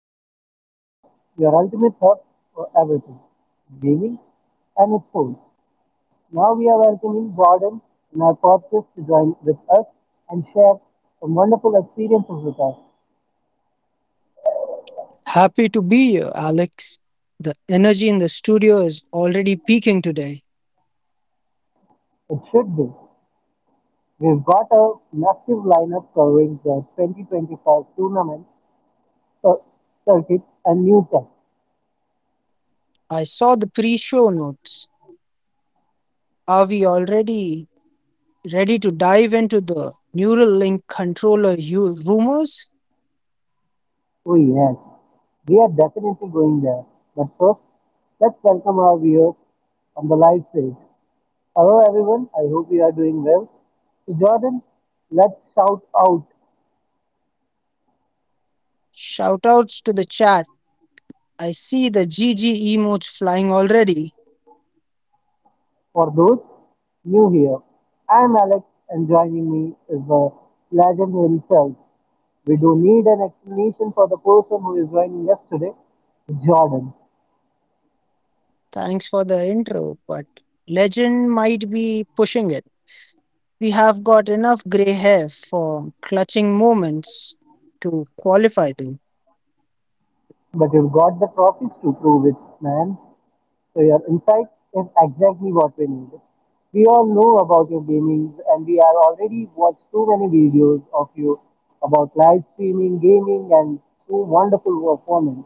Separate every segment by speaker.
Speaker 1: the Respawn Point, your ultimate hub for everything gaming and sports. Now we are welcoming Jordan in our podcast to join with us and share some wonderful experiences with us.
Speaker 2: Happy to be here, Alex. The energy in the studio is already peaking today.
Speaker 1: It should be. We've got a massive lineup covering the 2025 tournament cir- circuit and new tech.
Speaker 2: I saw the pre show notes. Are we already ready to dive into the Neuralink controller rumors?
Speaker 1: Oh yes, we are definitely going there. But first, let's welcome our viewers on the live stage. Hello everyone, I hope you are doing well. So Jordan, let's shout out
Speaker 2: Shoutouts to the chat. I see the GG emotes flying already.
Speaker 1: for those new here. I'm Alex and joining me is the legend himself. We do need an explanation for the person who is joining us today, Jordan.
Speaker 2: Thanks for the intro, but legend might be pushing it. We have got enough grey hair for clutching moments to qualify, though.
Speaker 1: But you've got the trophies to prove it, man. So your insight is exactly what we need. We all know about your gaming and we are already watched so many videos of you about live streaming, gaming and so wonderful performance.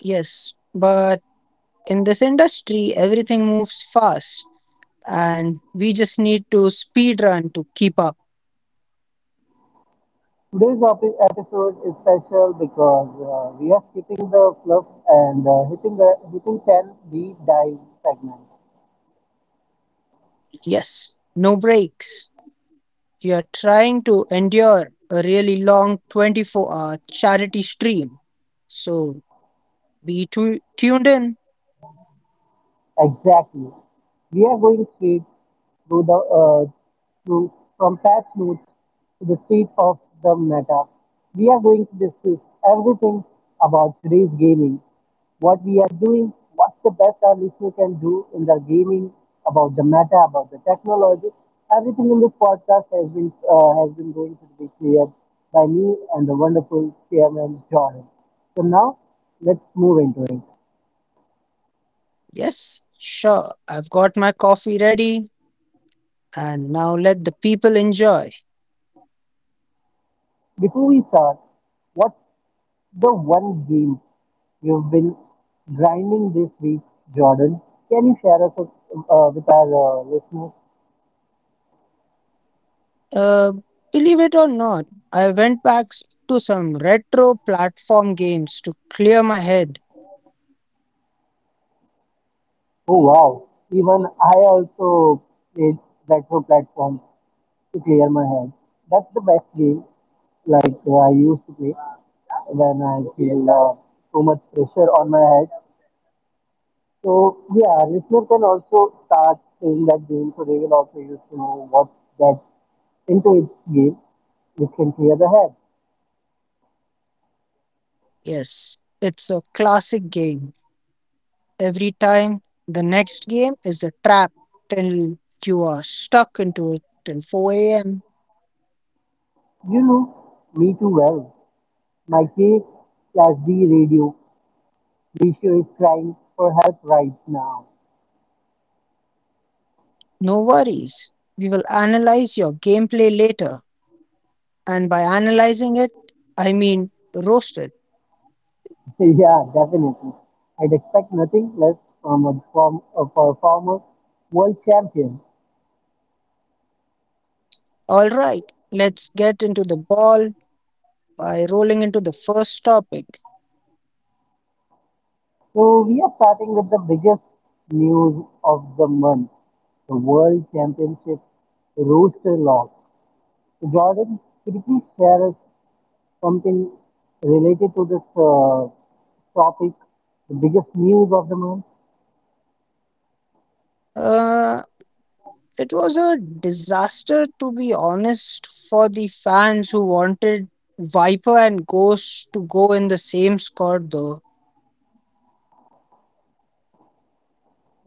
Speaker 2: Yes, but in this industry, everything moves fast and we just need to speed run to keep up.
Speaker 1: Today's episode is special because we are skipping the fluff and hitting 10 deep dive segment.
Speaker 2: Yes, no breaks. We are trying to endure a really long 24-hour charity stream. So be tuned in.
Speaker 1: Exactly. We are going straight through the through from patch notes to the state of the meta. We are going to discuss everything about today's gaming, what we are doing, what's the best our listener can do in the gaming, about the meta, about the technology. Everything in this podcast has been going to be cleared by me and the wonderful chairman Jordan. So now let's move into it.
Speaker 2: Yes, sure. I've got my coffee ready and now let the people enjoy.
Speaker 1: Before we start, what's the one game you've been grinding this week, Jordan? Can you share us with our listeners?
Speaker 2: Uh, believe it or not, I went back to some retro platform games to clear my head.
Speaker 1: Oh wow! Even I also played retro platforms to clear my head. That's the best game like I used to play when I feel so much pressure on my head. So yeah, listener can also start playing that game, so they will also used to know what that into its game, which can clear the head.
Speaker 2: Yes, it's a classic game. Every time the next game is a trap till you are stuck into it till 4 am.
Speaker 1: You know me too well. My K plus D radio ratio is crying for help right now.
Speaker 2: No worries. We will analyze your gameplay later. And by analyzing it, I mean roasted.
Speaker 1: Yeah, definitely. I'd expect nothing less for a former world champion.
Speaker 2: Alright, let's get into the ball by rolling into the first topic.
Speaker 1: So we are starting with the biggest news of the month, the World Championship Rooster Lock. So Jordan, could you please share us something related to this topic, the biggest news of the month?
Speaker 2: Uh. It was a disaster, to be honest, for the fans who wanted Viper and Ghost to go in the same squad, though.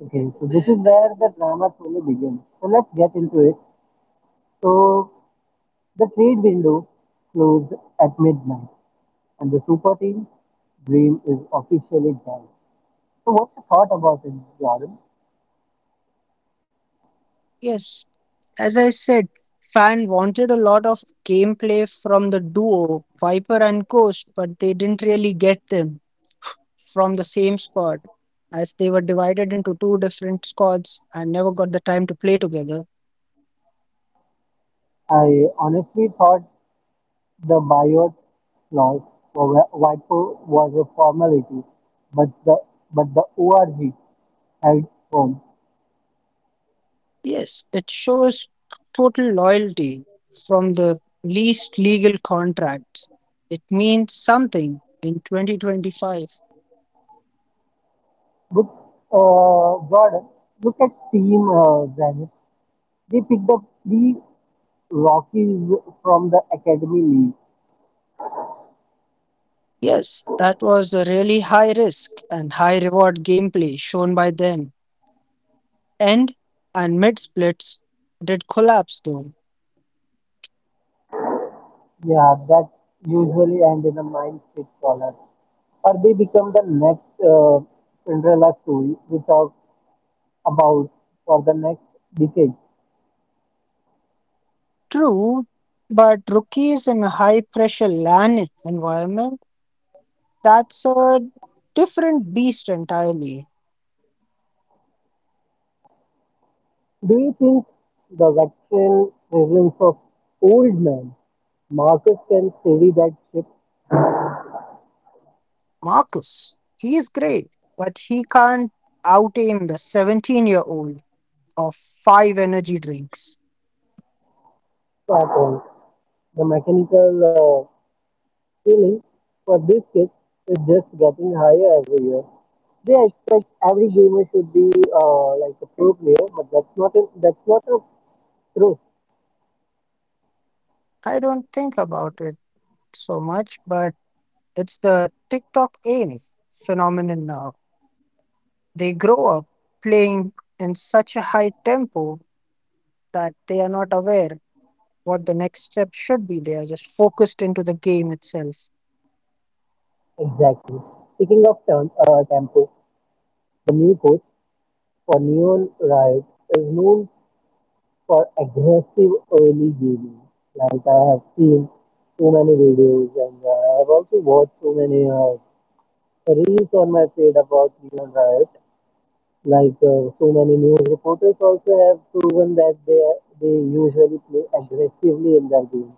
Speaker 1: Okay, so this is where the drama truly begins. So let's get into it. So the trade window closed at midnight, and the super team dream is officially done. So what's your thought about it, Jordan?
Speaker 2: Yes, as I said, fan wanted a lot of gameplay from the duo Viper and Ghost, but they didn't really get them from the same squad, as they were divided into two different squads and never got the time to play together.
Speaker 1: I honestly thought the Biot clause for WIPO was a formality, but the ORG held firm.
Speaker 2: Yes, it shows total loyalty from the least legal contracts. It means something in 2025.
Speaker 1: But Jordan, look at Team Zenit. They picked up three Rockies from the Academy League.
Speaker 2: Yes, that was a really high risk and high reward gameplay shown by them. End and mid splits did collapse though.
Speaker 1: Yeah, that usually end in a mind fit collar. Or they become the next Cinderella story we talk about for the next decade.
Speaker 2: True, but rookies in a high pressure LAN environment, that's a different beast entirely.
Speaker 1: Do you think the veteran presence of old man Marcus can steady that ship
Speaker 2: Marcus. He is great, but he can't out aim the 17-year-old of five energy drinks.
Speaker 1: at all? The mechanical ceiling for this kid is just getting higher every year. They expect every gamer should be like a pro player, but that's not a truth
Speaker 2: I don't think about it so much, but it's the TikTok aim phenomenon now. They grow up playing in such a high tempo that they are not aware what the next step should be. They are just focused into the game itself.
Speaker 1: exactly. Speaking of tempo, the new coach for Neon Riot is known for aggressive early gaming. Like I have seen so many videos and I have also watched so many reels on my feed about Neon Riot. Like so many news reporters also have proven that they usually play aggressively in their games.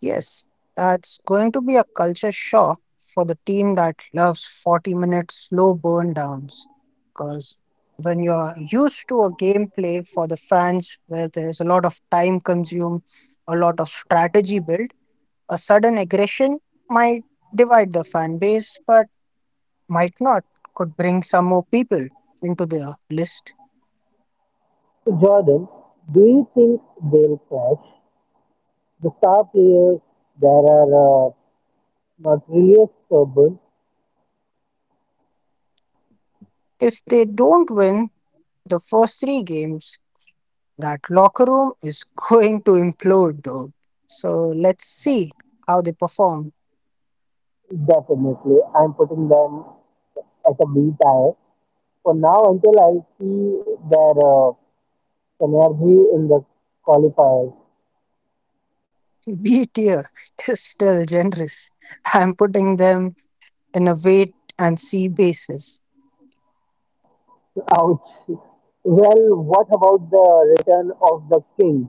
Speaker 2: Yes, that's going to be a culture shock for the team that loves 40-minute slow burn downs. Because when you're used to a gameplay for the fans where there's a lot of time consumed, a lot of strategy built, a sudden aggression might divide the fan base, but might not, could bring some more people into their list.
Speaker 1: So Jordan, do you think they'll crash? The star players that are not really as stubborn,
Speaker 2: If they don't win the first three games, that locker room is going to implode though. So let's see how they perform.
Speaker 1: definitely. I'm putting them at a B tier for now, until I see their energy in the qualifiers.
Speaker 2: B tier is still generous. I'm putting them in a wait and see basis.
Speaker 1: Ouch. Well, what about the return of the king?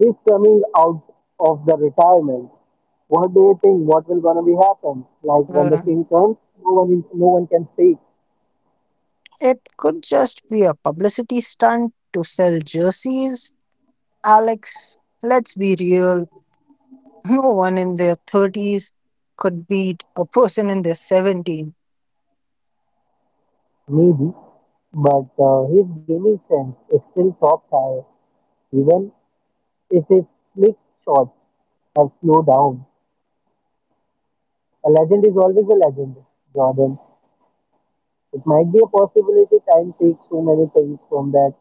Speaker 1: He's coming out of the retirement. What do you think? What will gonna be happen? Like when the
Speaker 2: Uh,
Speaker 1: king comes, no one can speak.
Speaker 2: it could just be a publicity stunt to sell jerseys. Alex, let's be real. No one in their 30s could beat a person in their 70s.
Speaker 1: Maybe, but his gaming sense is still top tier, even if his slick shots have slowed down. A legend is always a legend, Jordan. It might be a possibility. Time takes so many things from that.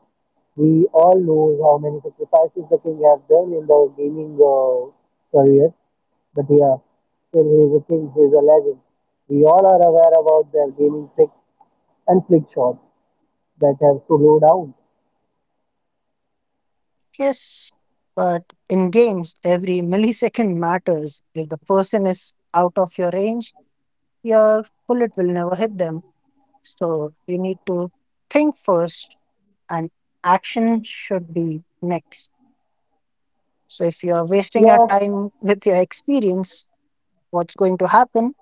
Speaker 1: We all know how many sacrifices the king has done in the gaming career. But yeah, still he is a king, he is a legend. We all are aware about their gaming tricks and flick shots that have slowed down.
Speaker 2: Yes, but in games, every millisecond matters. If the person is out of your range, your bullet will never hit them. So you need to think first, and action should be next. So if you are wasting your
Speaker 1: Yeah,
Speaker 2: time with your experience, what's going to happen?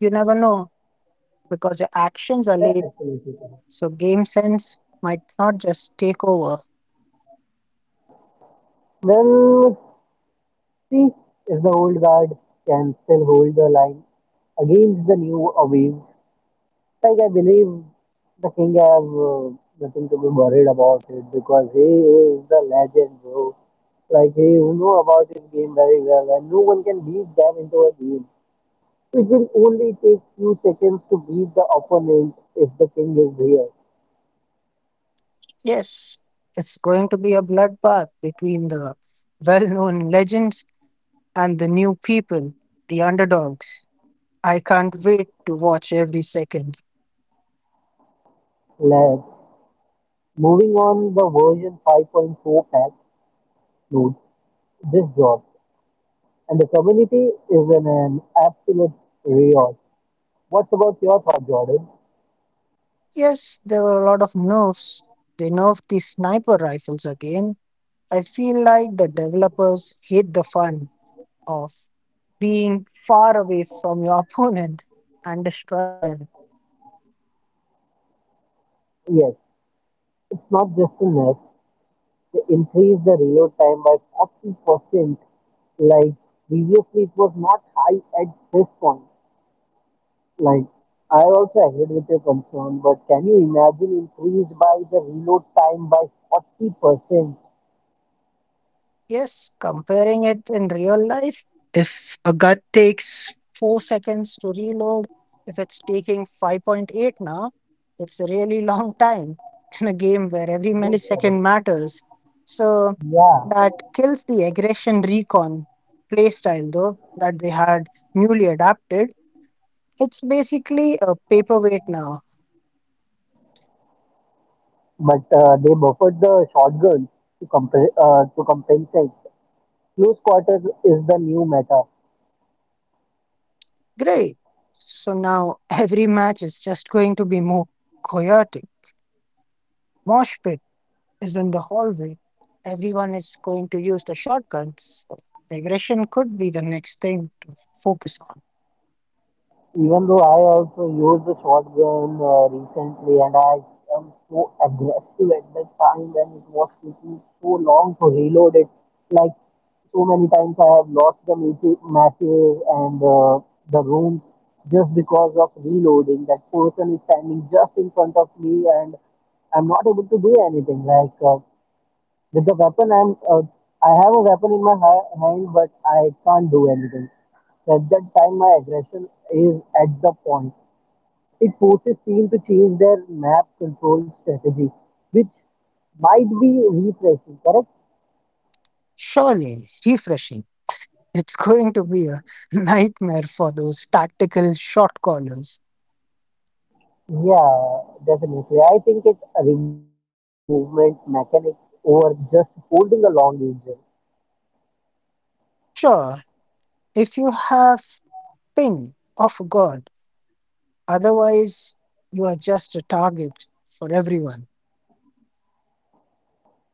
Speaker 2: You never know because your actions are
Speaker 1: that's
Speaker 2: late.
Speaker 1: absolutely correct.
Speaker 2: So game sense might not just take over.
Speaker 1: Well, see if the old guard can still hold the line against the new waves. Like I believe the king have nothing to be worried about it because he is the legend, bro. Like he know about his game very well, and no one can beat them into a game. It will only take few seconds to beat the opponent if the king is here.
Speaker 2: Yes, it's going to be a bloodbath between the well known legends and the new people, the underdogs. I can't wait to watch every second.
Speaker 1: Let's moving on the version 5.4 patch notes this job, and the community is in an absolute riot. What's about your thought, Jordan?
Speaker 2: Yes, there were a lot of nerfs. They nerfed the sniper rifles again. I feel like the developers hate the fun of being far away from your opponent and destroying them.
Speaker 1: Yes, it's not just a nerf. They increased the reload time by 40%. Like previously, it was not high at this point. Like I also agreed with your concern, but can you imagine increased by the reload time by 40%?
Speaker 2: Yes, comparing it in real life, if a gut takes 4 seconds to reload, if it's taking 5.8 now, it's a really long time in a game where every
Speaker 1: Yes,
Speaker 2: millisecond
Speaker 1: correct.
Speaker 2: matters. So
Speaker 1: Yeah,
Speaker 2: that kills the aggression recon playstyle, though, that they had newly adapted. It's basically a paperweight now.
Speaker 1: but they buffered the shotguns to, to compensate. Close quarters is the new meta.
Speaker 2: Great. So now every match is just going to be more chaotic, mosh pit is in the hallway. Everyone is going to use the shotguns. So digression could be the next thing to focus on.
Speaker 1: Even though I also used the shotgun recently and I am so aggressive at that time and it was taking so long to reload it. Like so many times I have lost the matches and the room just because of reloading. That person is standing just in front of me and I'm not able to do anything. Like, with the weapon, I have a weapon in my hand, but I can't do anything. At that time, my aggression is at the point. It forces team to change their map control strategy, which might be refreshing. Correct?
Speaker 2: Surely, refreshing. It's going to be a nightmare for those tactical shot callers.
Speaker 1: Yeah, definitely. I think it rewards better movement mechanics over just holding a long angel.
Speaker 2: Sure, if you have ping of God, otherwise, you are just a target for everyone.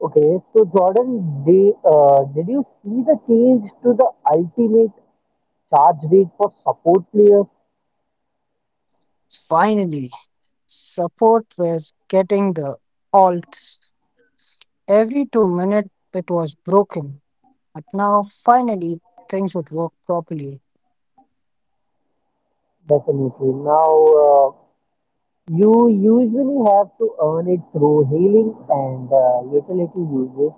Speaker 1: Okay, so Jordan, did you see the change to the ultimate charge rate for support players?
Speaker 2: Finally, support was getting the alts. Every 2 minutes, it was broken. But now, finally, things would work properly.
Speaker 1: Definitely. Now, uh, you usually have to earn it through healing and utility uses,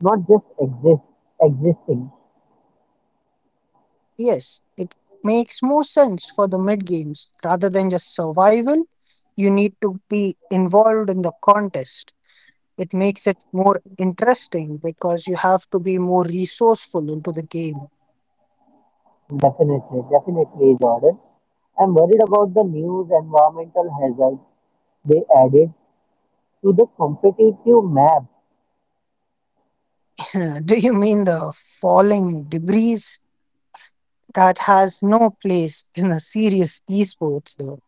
Speaker 1: not just existing.
Speaker 2: Yes, it makes more sense for the mid games. Rather than just survival, you need to be involved in the contest. It makes it more interesting because you have to be more resourceful into the game.
Speaker 1: Definitely, definitely, Jordan. I'm worried about the news environmental hazard they added to the competitive map.
Speaker 2: Do you mean the falling debris that has no place in a serious esports though?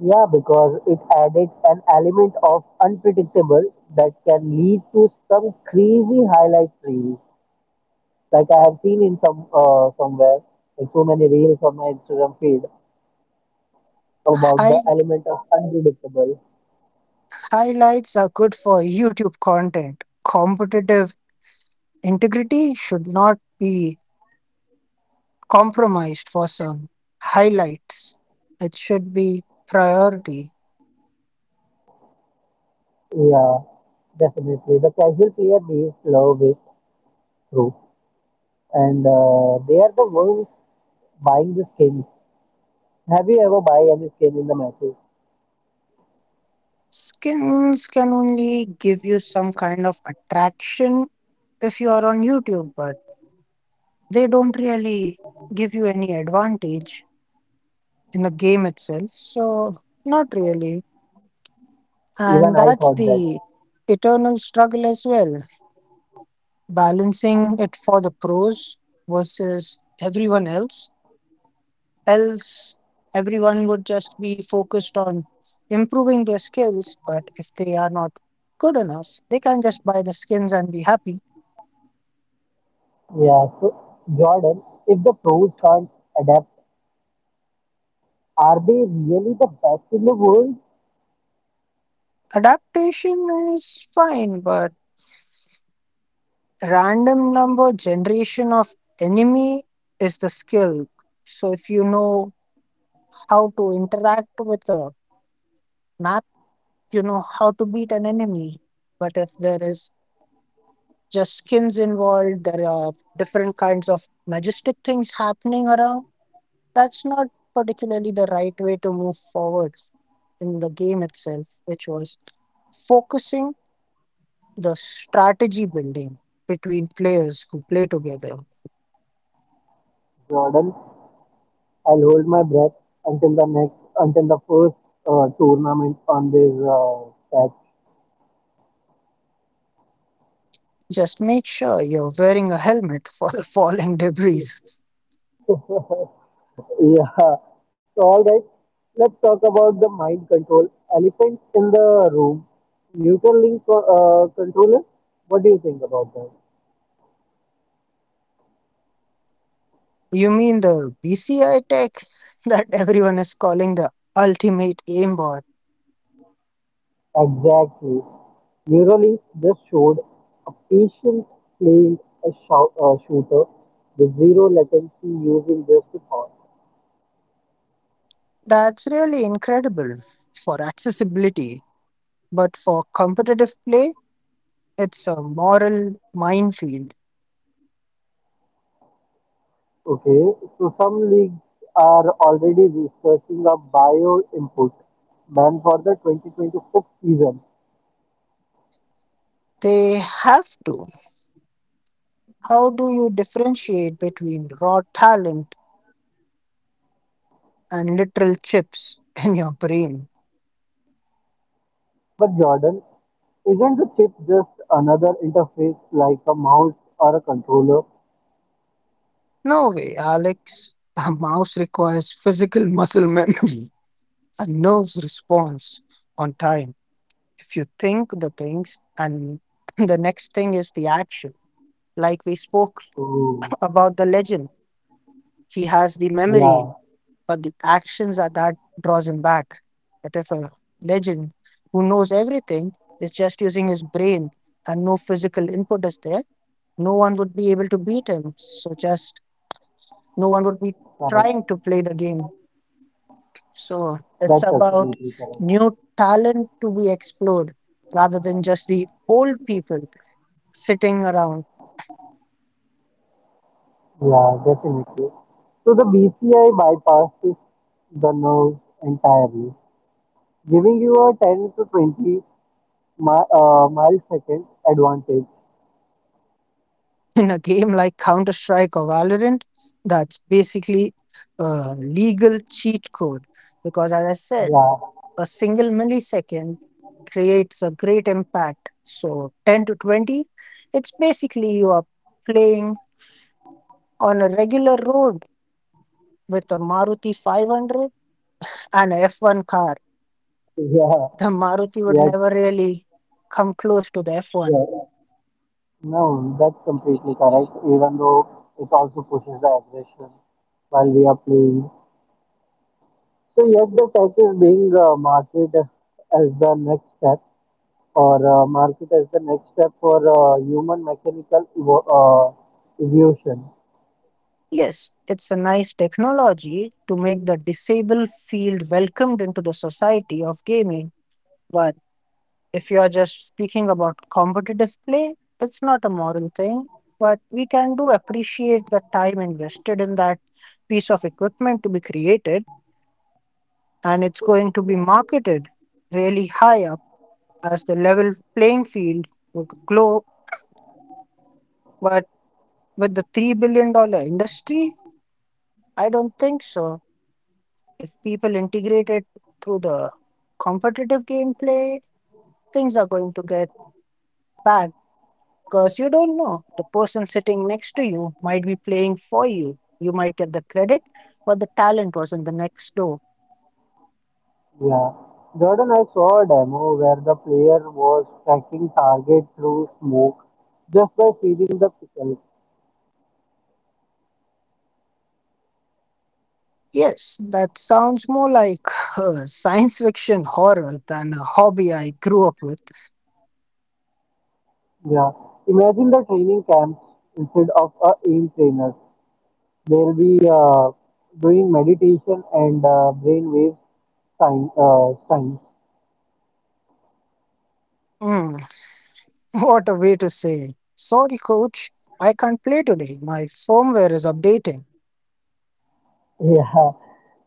Speaker 1: Yeah, because it added an element of unpredictable that can lead to some crazy highlight reels. Like I have seen in some somewhere, like so many reels on my Instagram feed about the
Speaker 2: High
Speaker 1: element of unpredictable.
Speaker 2: highlights are good for YouTube content. Competitive integrity should not be compromised for some highlights. It should be priority.
Speaker 1: Yeah, definitely. The casual player needs love it through, and they are the ones buying the skins. Have you ever buy any skin in the matches?
Speaker 2: Skins can only give you some kind of attraction if you are on YouTube, but they don't really give you any advantage in the game itself. So, not really.
Speaker 1: Even
Speaker 2: And
Speaker 1: I
Speaker 2: that's
Speaker 1: thought that.
Speaker 2: the eternal struggle as well, balancing it for the pros versus everyone else. Else, everyone would just be focused on improving their skills. But if they are not good enough, they can just buy the skins and be happy.
Speaker 1: Yeah. So Jordan, if the pros can't adapt, are they really the best in the world?
Speaker 2: Adaptation is fine, but random number generation of enemy is the skill. So if you know how to interact with a map, you know how to beat an enemy. But if there is just skins involved, there are different kinds of majestic things happening around. That's not particularly the right way to move forward in the game itself, which was focusing the strategy building between players who play together.
Speaker 1: Jordan, I'll hold my breath until the first tournament on this patch.
Speaker 2: Just make sure you're wearing a helmet for the falling debris.
Speaker 1: Yeah. So all right, let's talk about the mind control elephant in the room. Neuralink controller. What do you think about that?
Speaker 2: You mean the BCI tech that everyone is calling the ultimate aimbot?
Speaker 1: Exactly. Neuralink just showed a patient playing a shooter with zero latency using just a thought.
Speaker 2: That's really incredible for accessibility, but for competitive play, it's a moral minefield.
Speaker 1: Okay, so some leagues are already researching a bio input ban for the 2026 season.
Speaker 2: They have to. How do you differentiate between raw talent and literal chips in your brain?
Speaker 1: But Jordan, isn't the chip just another interface like a mouse or a controller?
Speaker 2: No way, Alex. A mouse requires physical muscle memory and nerves response on time. If you think the things and the next thing is the action, like we spoke
Speaker 1: Oh,
Speaker 2: about the legend, he has the memory
Speaker 1: yeah,
Speaker 2: but the actions that that draws him back. But if a legend who knows everything is just using his brain and no physical input is there, no one would be able to beat him. So just no one would be trying
Speaker 1: correct.
Speaker 2: to play the game. So it's
Speaker 1: That's
Speaker 2: about
Speaker 1: absolutely correct.
Speaker 2: new talent to be explored rather than just the old people sitting around
Speaker 1: Yeah, definitely. So the BCI bypasses the nerves entirely, giving you a 10 to 20 millisecond advantage.
Speaker 2: in a game like Counter Strike or Valorant. That's basically a legal cheat code because, as I said,
Speaker 1: Yeah,
Speaker 2: a single millisecond creates a great impact. So 10 to 20, it's basically you are playing on a regular road with a Maruti 500 and a F1 car.
Speaker 1: yeah,
Speaker 2: The Maruti would
Speaker 1: Yet,
Speaker 2: never really come close to the
Speaker 1: yeah,
Speaker 2: F1.
Speaker 1: no, that's completely correct. Even though it also pushes the aggression while we are playing. So yet the tech is being marketed as the next step for human mechanical evolution.
Speaker 2: Yes, it's a nice technology to make the disabled feel welcomed into the society of gaming, but if you are just speaking about competitive play, it's not a moral thing, but we can do appreciate the time invested in that piece of equipment to be created, and it's going to be marketed really high up as the level playing field would glow. But with the $3 billion dollar industry, I don't think so. If people integrate it through the competitive gameplay, things are going to get bad. Because you don't know, the person sitting next to you might be playing for you. You might get the credit, but the talent was in the next door.
Speaker 1: Yeah, Jordan, I saw a demo where the player was tracking target through smoke just by feeding the pickle.
Speaker 2: Yes, that sounds more like science fiction horror than a hobby I grew up with.
Speaker 1: Yeah. Imagine the training camps instead of a aim trainer. They'll be doing meditation and brainwave science.
Speaker 2: Hmm, what a way to say. Sorry, coach, I can't play today. My firmware is updating.
Speaker 1: Yeah.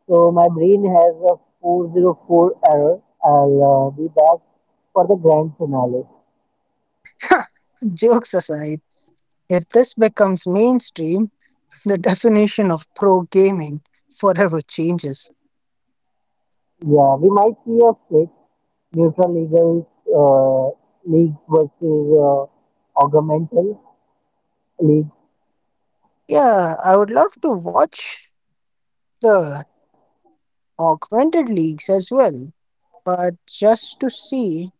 Speaker 1: So my brain has a 404 error. I'll be back for the grand finale.
Speaker 2: Jokes aside, if this becomes mainstream, the definition of pro gaming forever changes.
Speaker 1: Yeah, we might see a split. Neutral legals, uh, leagues versus augmental leagues.
Speaker 2: Yeah, I would love to watch the augmented leagues as well, but just to see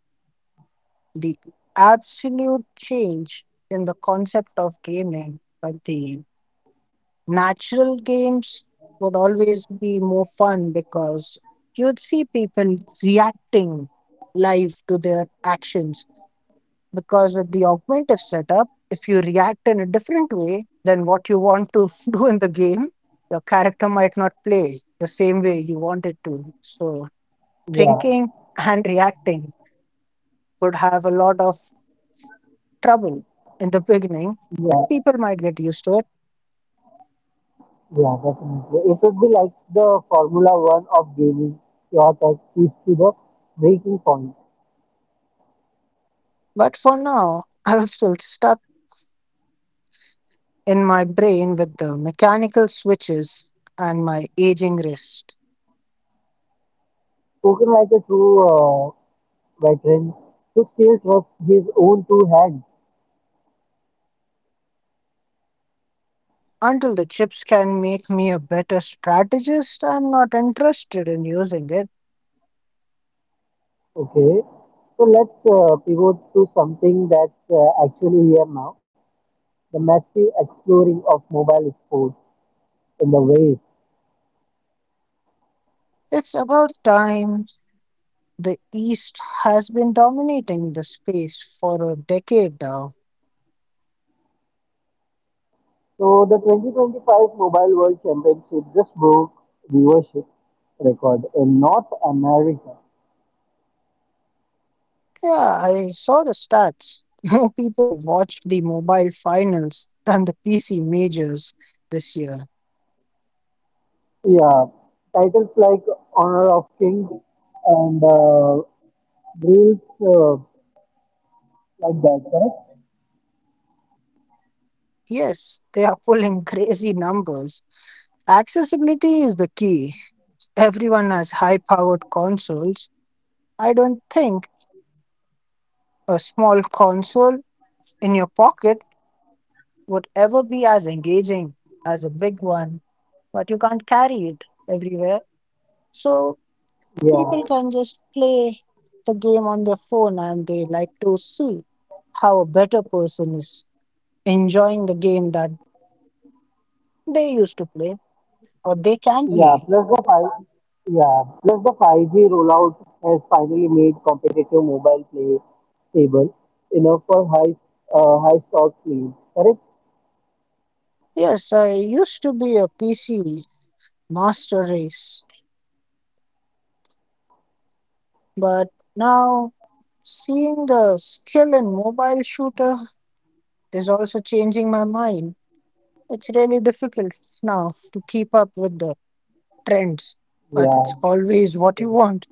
Speaker 2: the absolute change in the concept of gaming. But the natural games would always be more fun because you'd see people reacting live to their actions. Because with the augmentative setup, if you react in a different way than what you want to do in the game, your character might not play the same way you want it to. So
Speaker 1: Yeah,
Speaker 2: thinking and reacting would have a lot of trouble in the beginning, but
Speaker 1: yeah,
Speaker 2: people might get used to it.
Speaker 1: yeah, definitely. It would be like the Formula One of gaming. Your tech is to the breaking point.
Speaker 2: But for now, I was still stuck in my brain with the mechanical switches and my aging wrist.
Speaker 1: Spoken Tokenizer Two veteran who still trusts his own two hands.
Speaker 2: Until the chips can make me a better strategist, I'm not interested in using it.
Speaker 1: Okay, so let's pivot to something that's actually here now: the massive exploring of mobile sports in the waves.
Speaker 2: It's about time. The East has been dominating the space for a decade now.
Speaker 1: So the 2025 Mobile World Championship just broke viewership record in North America.
Speaker 2: Yeah, I saw the stats. More people watched the mobile finals than the PC majors this year.
Speaker 1: Yeah, titles like Honor of Kings and reels uh, like that, correct?
Speaker 2: Yes, they are pulling crazy numbers. Accessibility is the key. Everyone has high powered consoles. I don't think a small console in your pocket would ever be as engaging as a big one, but you can't carry it everywhere. So people
Speaker 1: Yeah.
Speaker 2: can just play the game on their phone and they like to see how a better person is enjoying the game that they used to play or they can
Speaker 1: Yeah,
Speaker 2: play.
Speaker 1: plus the 5, yeah, plus the 5G rollout has finally made competitive mobile play stable enough for high stock needs. Correct?
Speaker 2: Yes, I used to be a PC master race, but now seeing the skill in mobile shooter is also changing my mind. It's really difficult now to keep up with the trends, but
Speaker 1: Yeah,
Speaker 2: it's always what you want.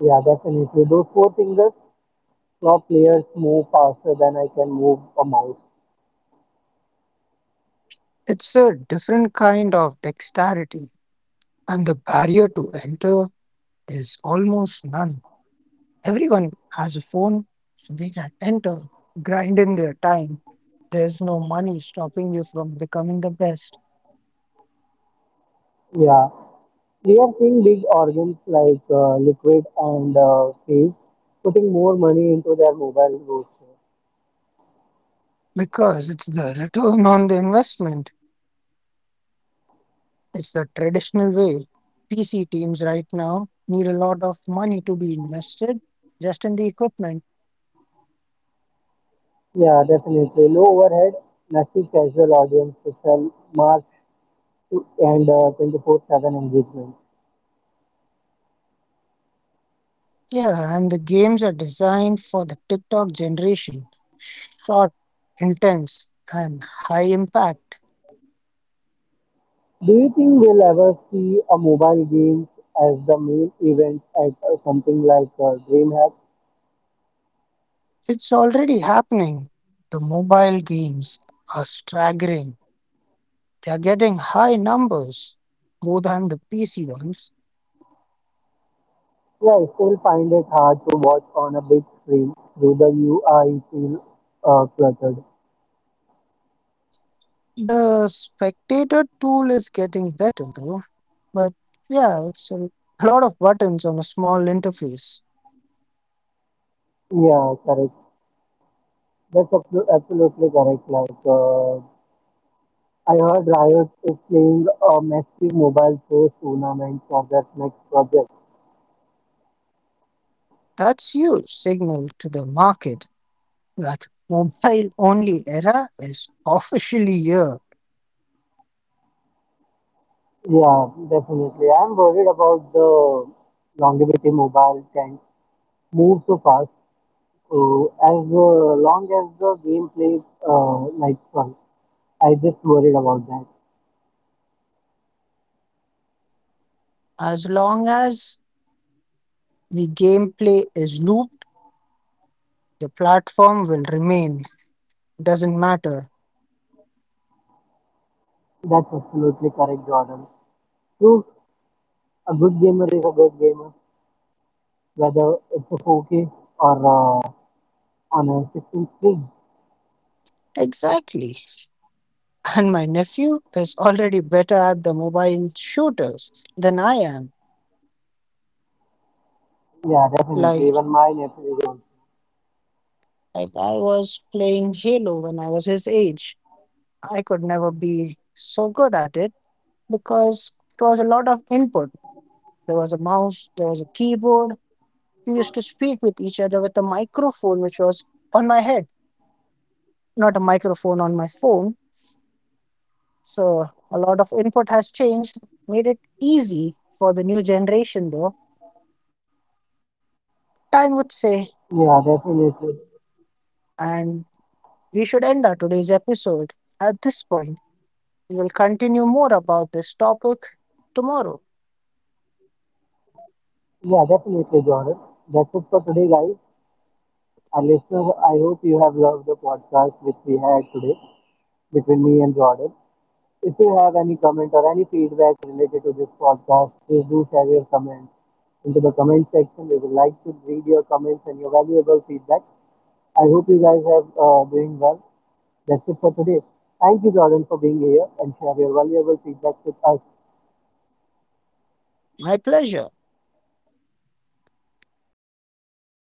Speaker 1: yeah, definitely. Those four fingers now players move faster than I can move a mouse.
Speaker 2: It's a different kind of dexterity, and the barrier to enter is almost none. Everyone has a phone, so they can enter, grind in their time. There's no money stopping you from becoming the best
Speaker 1: Yeah, we are seeing big organs like Liquid and Phase putting more money into their mobile roster.
Speaker 2: because it's the return on the investment. It's the traditional way. PC teams right now need a lot of money to be invested just in the equipment.
Speaker 1: Yeah, definitely. Low overhead, massive casual audience to sell mass and 24/7 engagement.
Speaker 2: Yeah, and the games are designed for the TikTok generation. Short, intense, and high impact.
Speaker 1: Do you think we'll ever see a mobile game as the main event at something like DreamHack?
Speaker 2: It's already happening. The mobile games are staggering. They are getting high numbers, more than the PC ones.
Speaker 1: Yeah, I still find it hard to watch on a big screen through the UI feel cluttered.
Speaker 2: The spectator tool is getting better though. But yeah, it's a lot of buttons on a small interface.
Speaker 1: Yeah, correct. That's absolutely correct. Like I heard Riot is playing a massive mobile first tournament for that next project.
Speaker 2: That's huge signal to the market. That mobile only era is officially here.
Speaker 1: Yeah, definitely. I'm worried about the longevity mobile 10 move so fast. So as long as the game plays like fun, I just worried about that.
Speaker 2: As long as the gameplay is looped, the platform will remain. Doesn't matter.
Speaker 1: That's absolutely correct, Jordan. True, a good gamer is a good gamer, whether it's a 4K or on a 16 screen.
Speaker 2: Exactly. And my nephew is already better at the mobile shooters than I am.
Speaker 1: Yeah, definitely.
Speaker 2: Like,
Speaker 1: Even my nephew is also.
Speaker 2: like I was playing Halo when I was his age. I could never be so good at it because it was a lot of input. There was a mouse, there was a keyboard, we used to speak with each other with a microphone which was on my head, not a microphone on my phone. So a lot of input has changed, made it easy for the new generation though, time would say.
Speaker 1: Yeah, definitely.
Speaker 2: And we should end our today's episode at this point. We will continue more about this topic tomorrow.
Speaker 1: Yeah, definitely, Jordan. That's it for today, guys. Our listeners, I hope you have loved the podcast which we had today between me and Jordan. If you have any comment or any feedback related to this podcast, please do share your comments into the comment section. We would like to read your comments and your valuable feedback. I hope you guys are doing well. That's it for today. Thank you, Jordan, for being here and share your valuable feedback with us.
Speaker 2: My pleasure.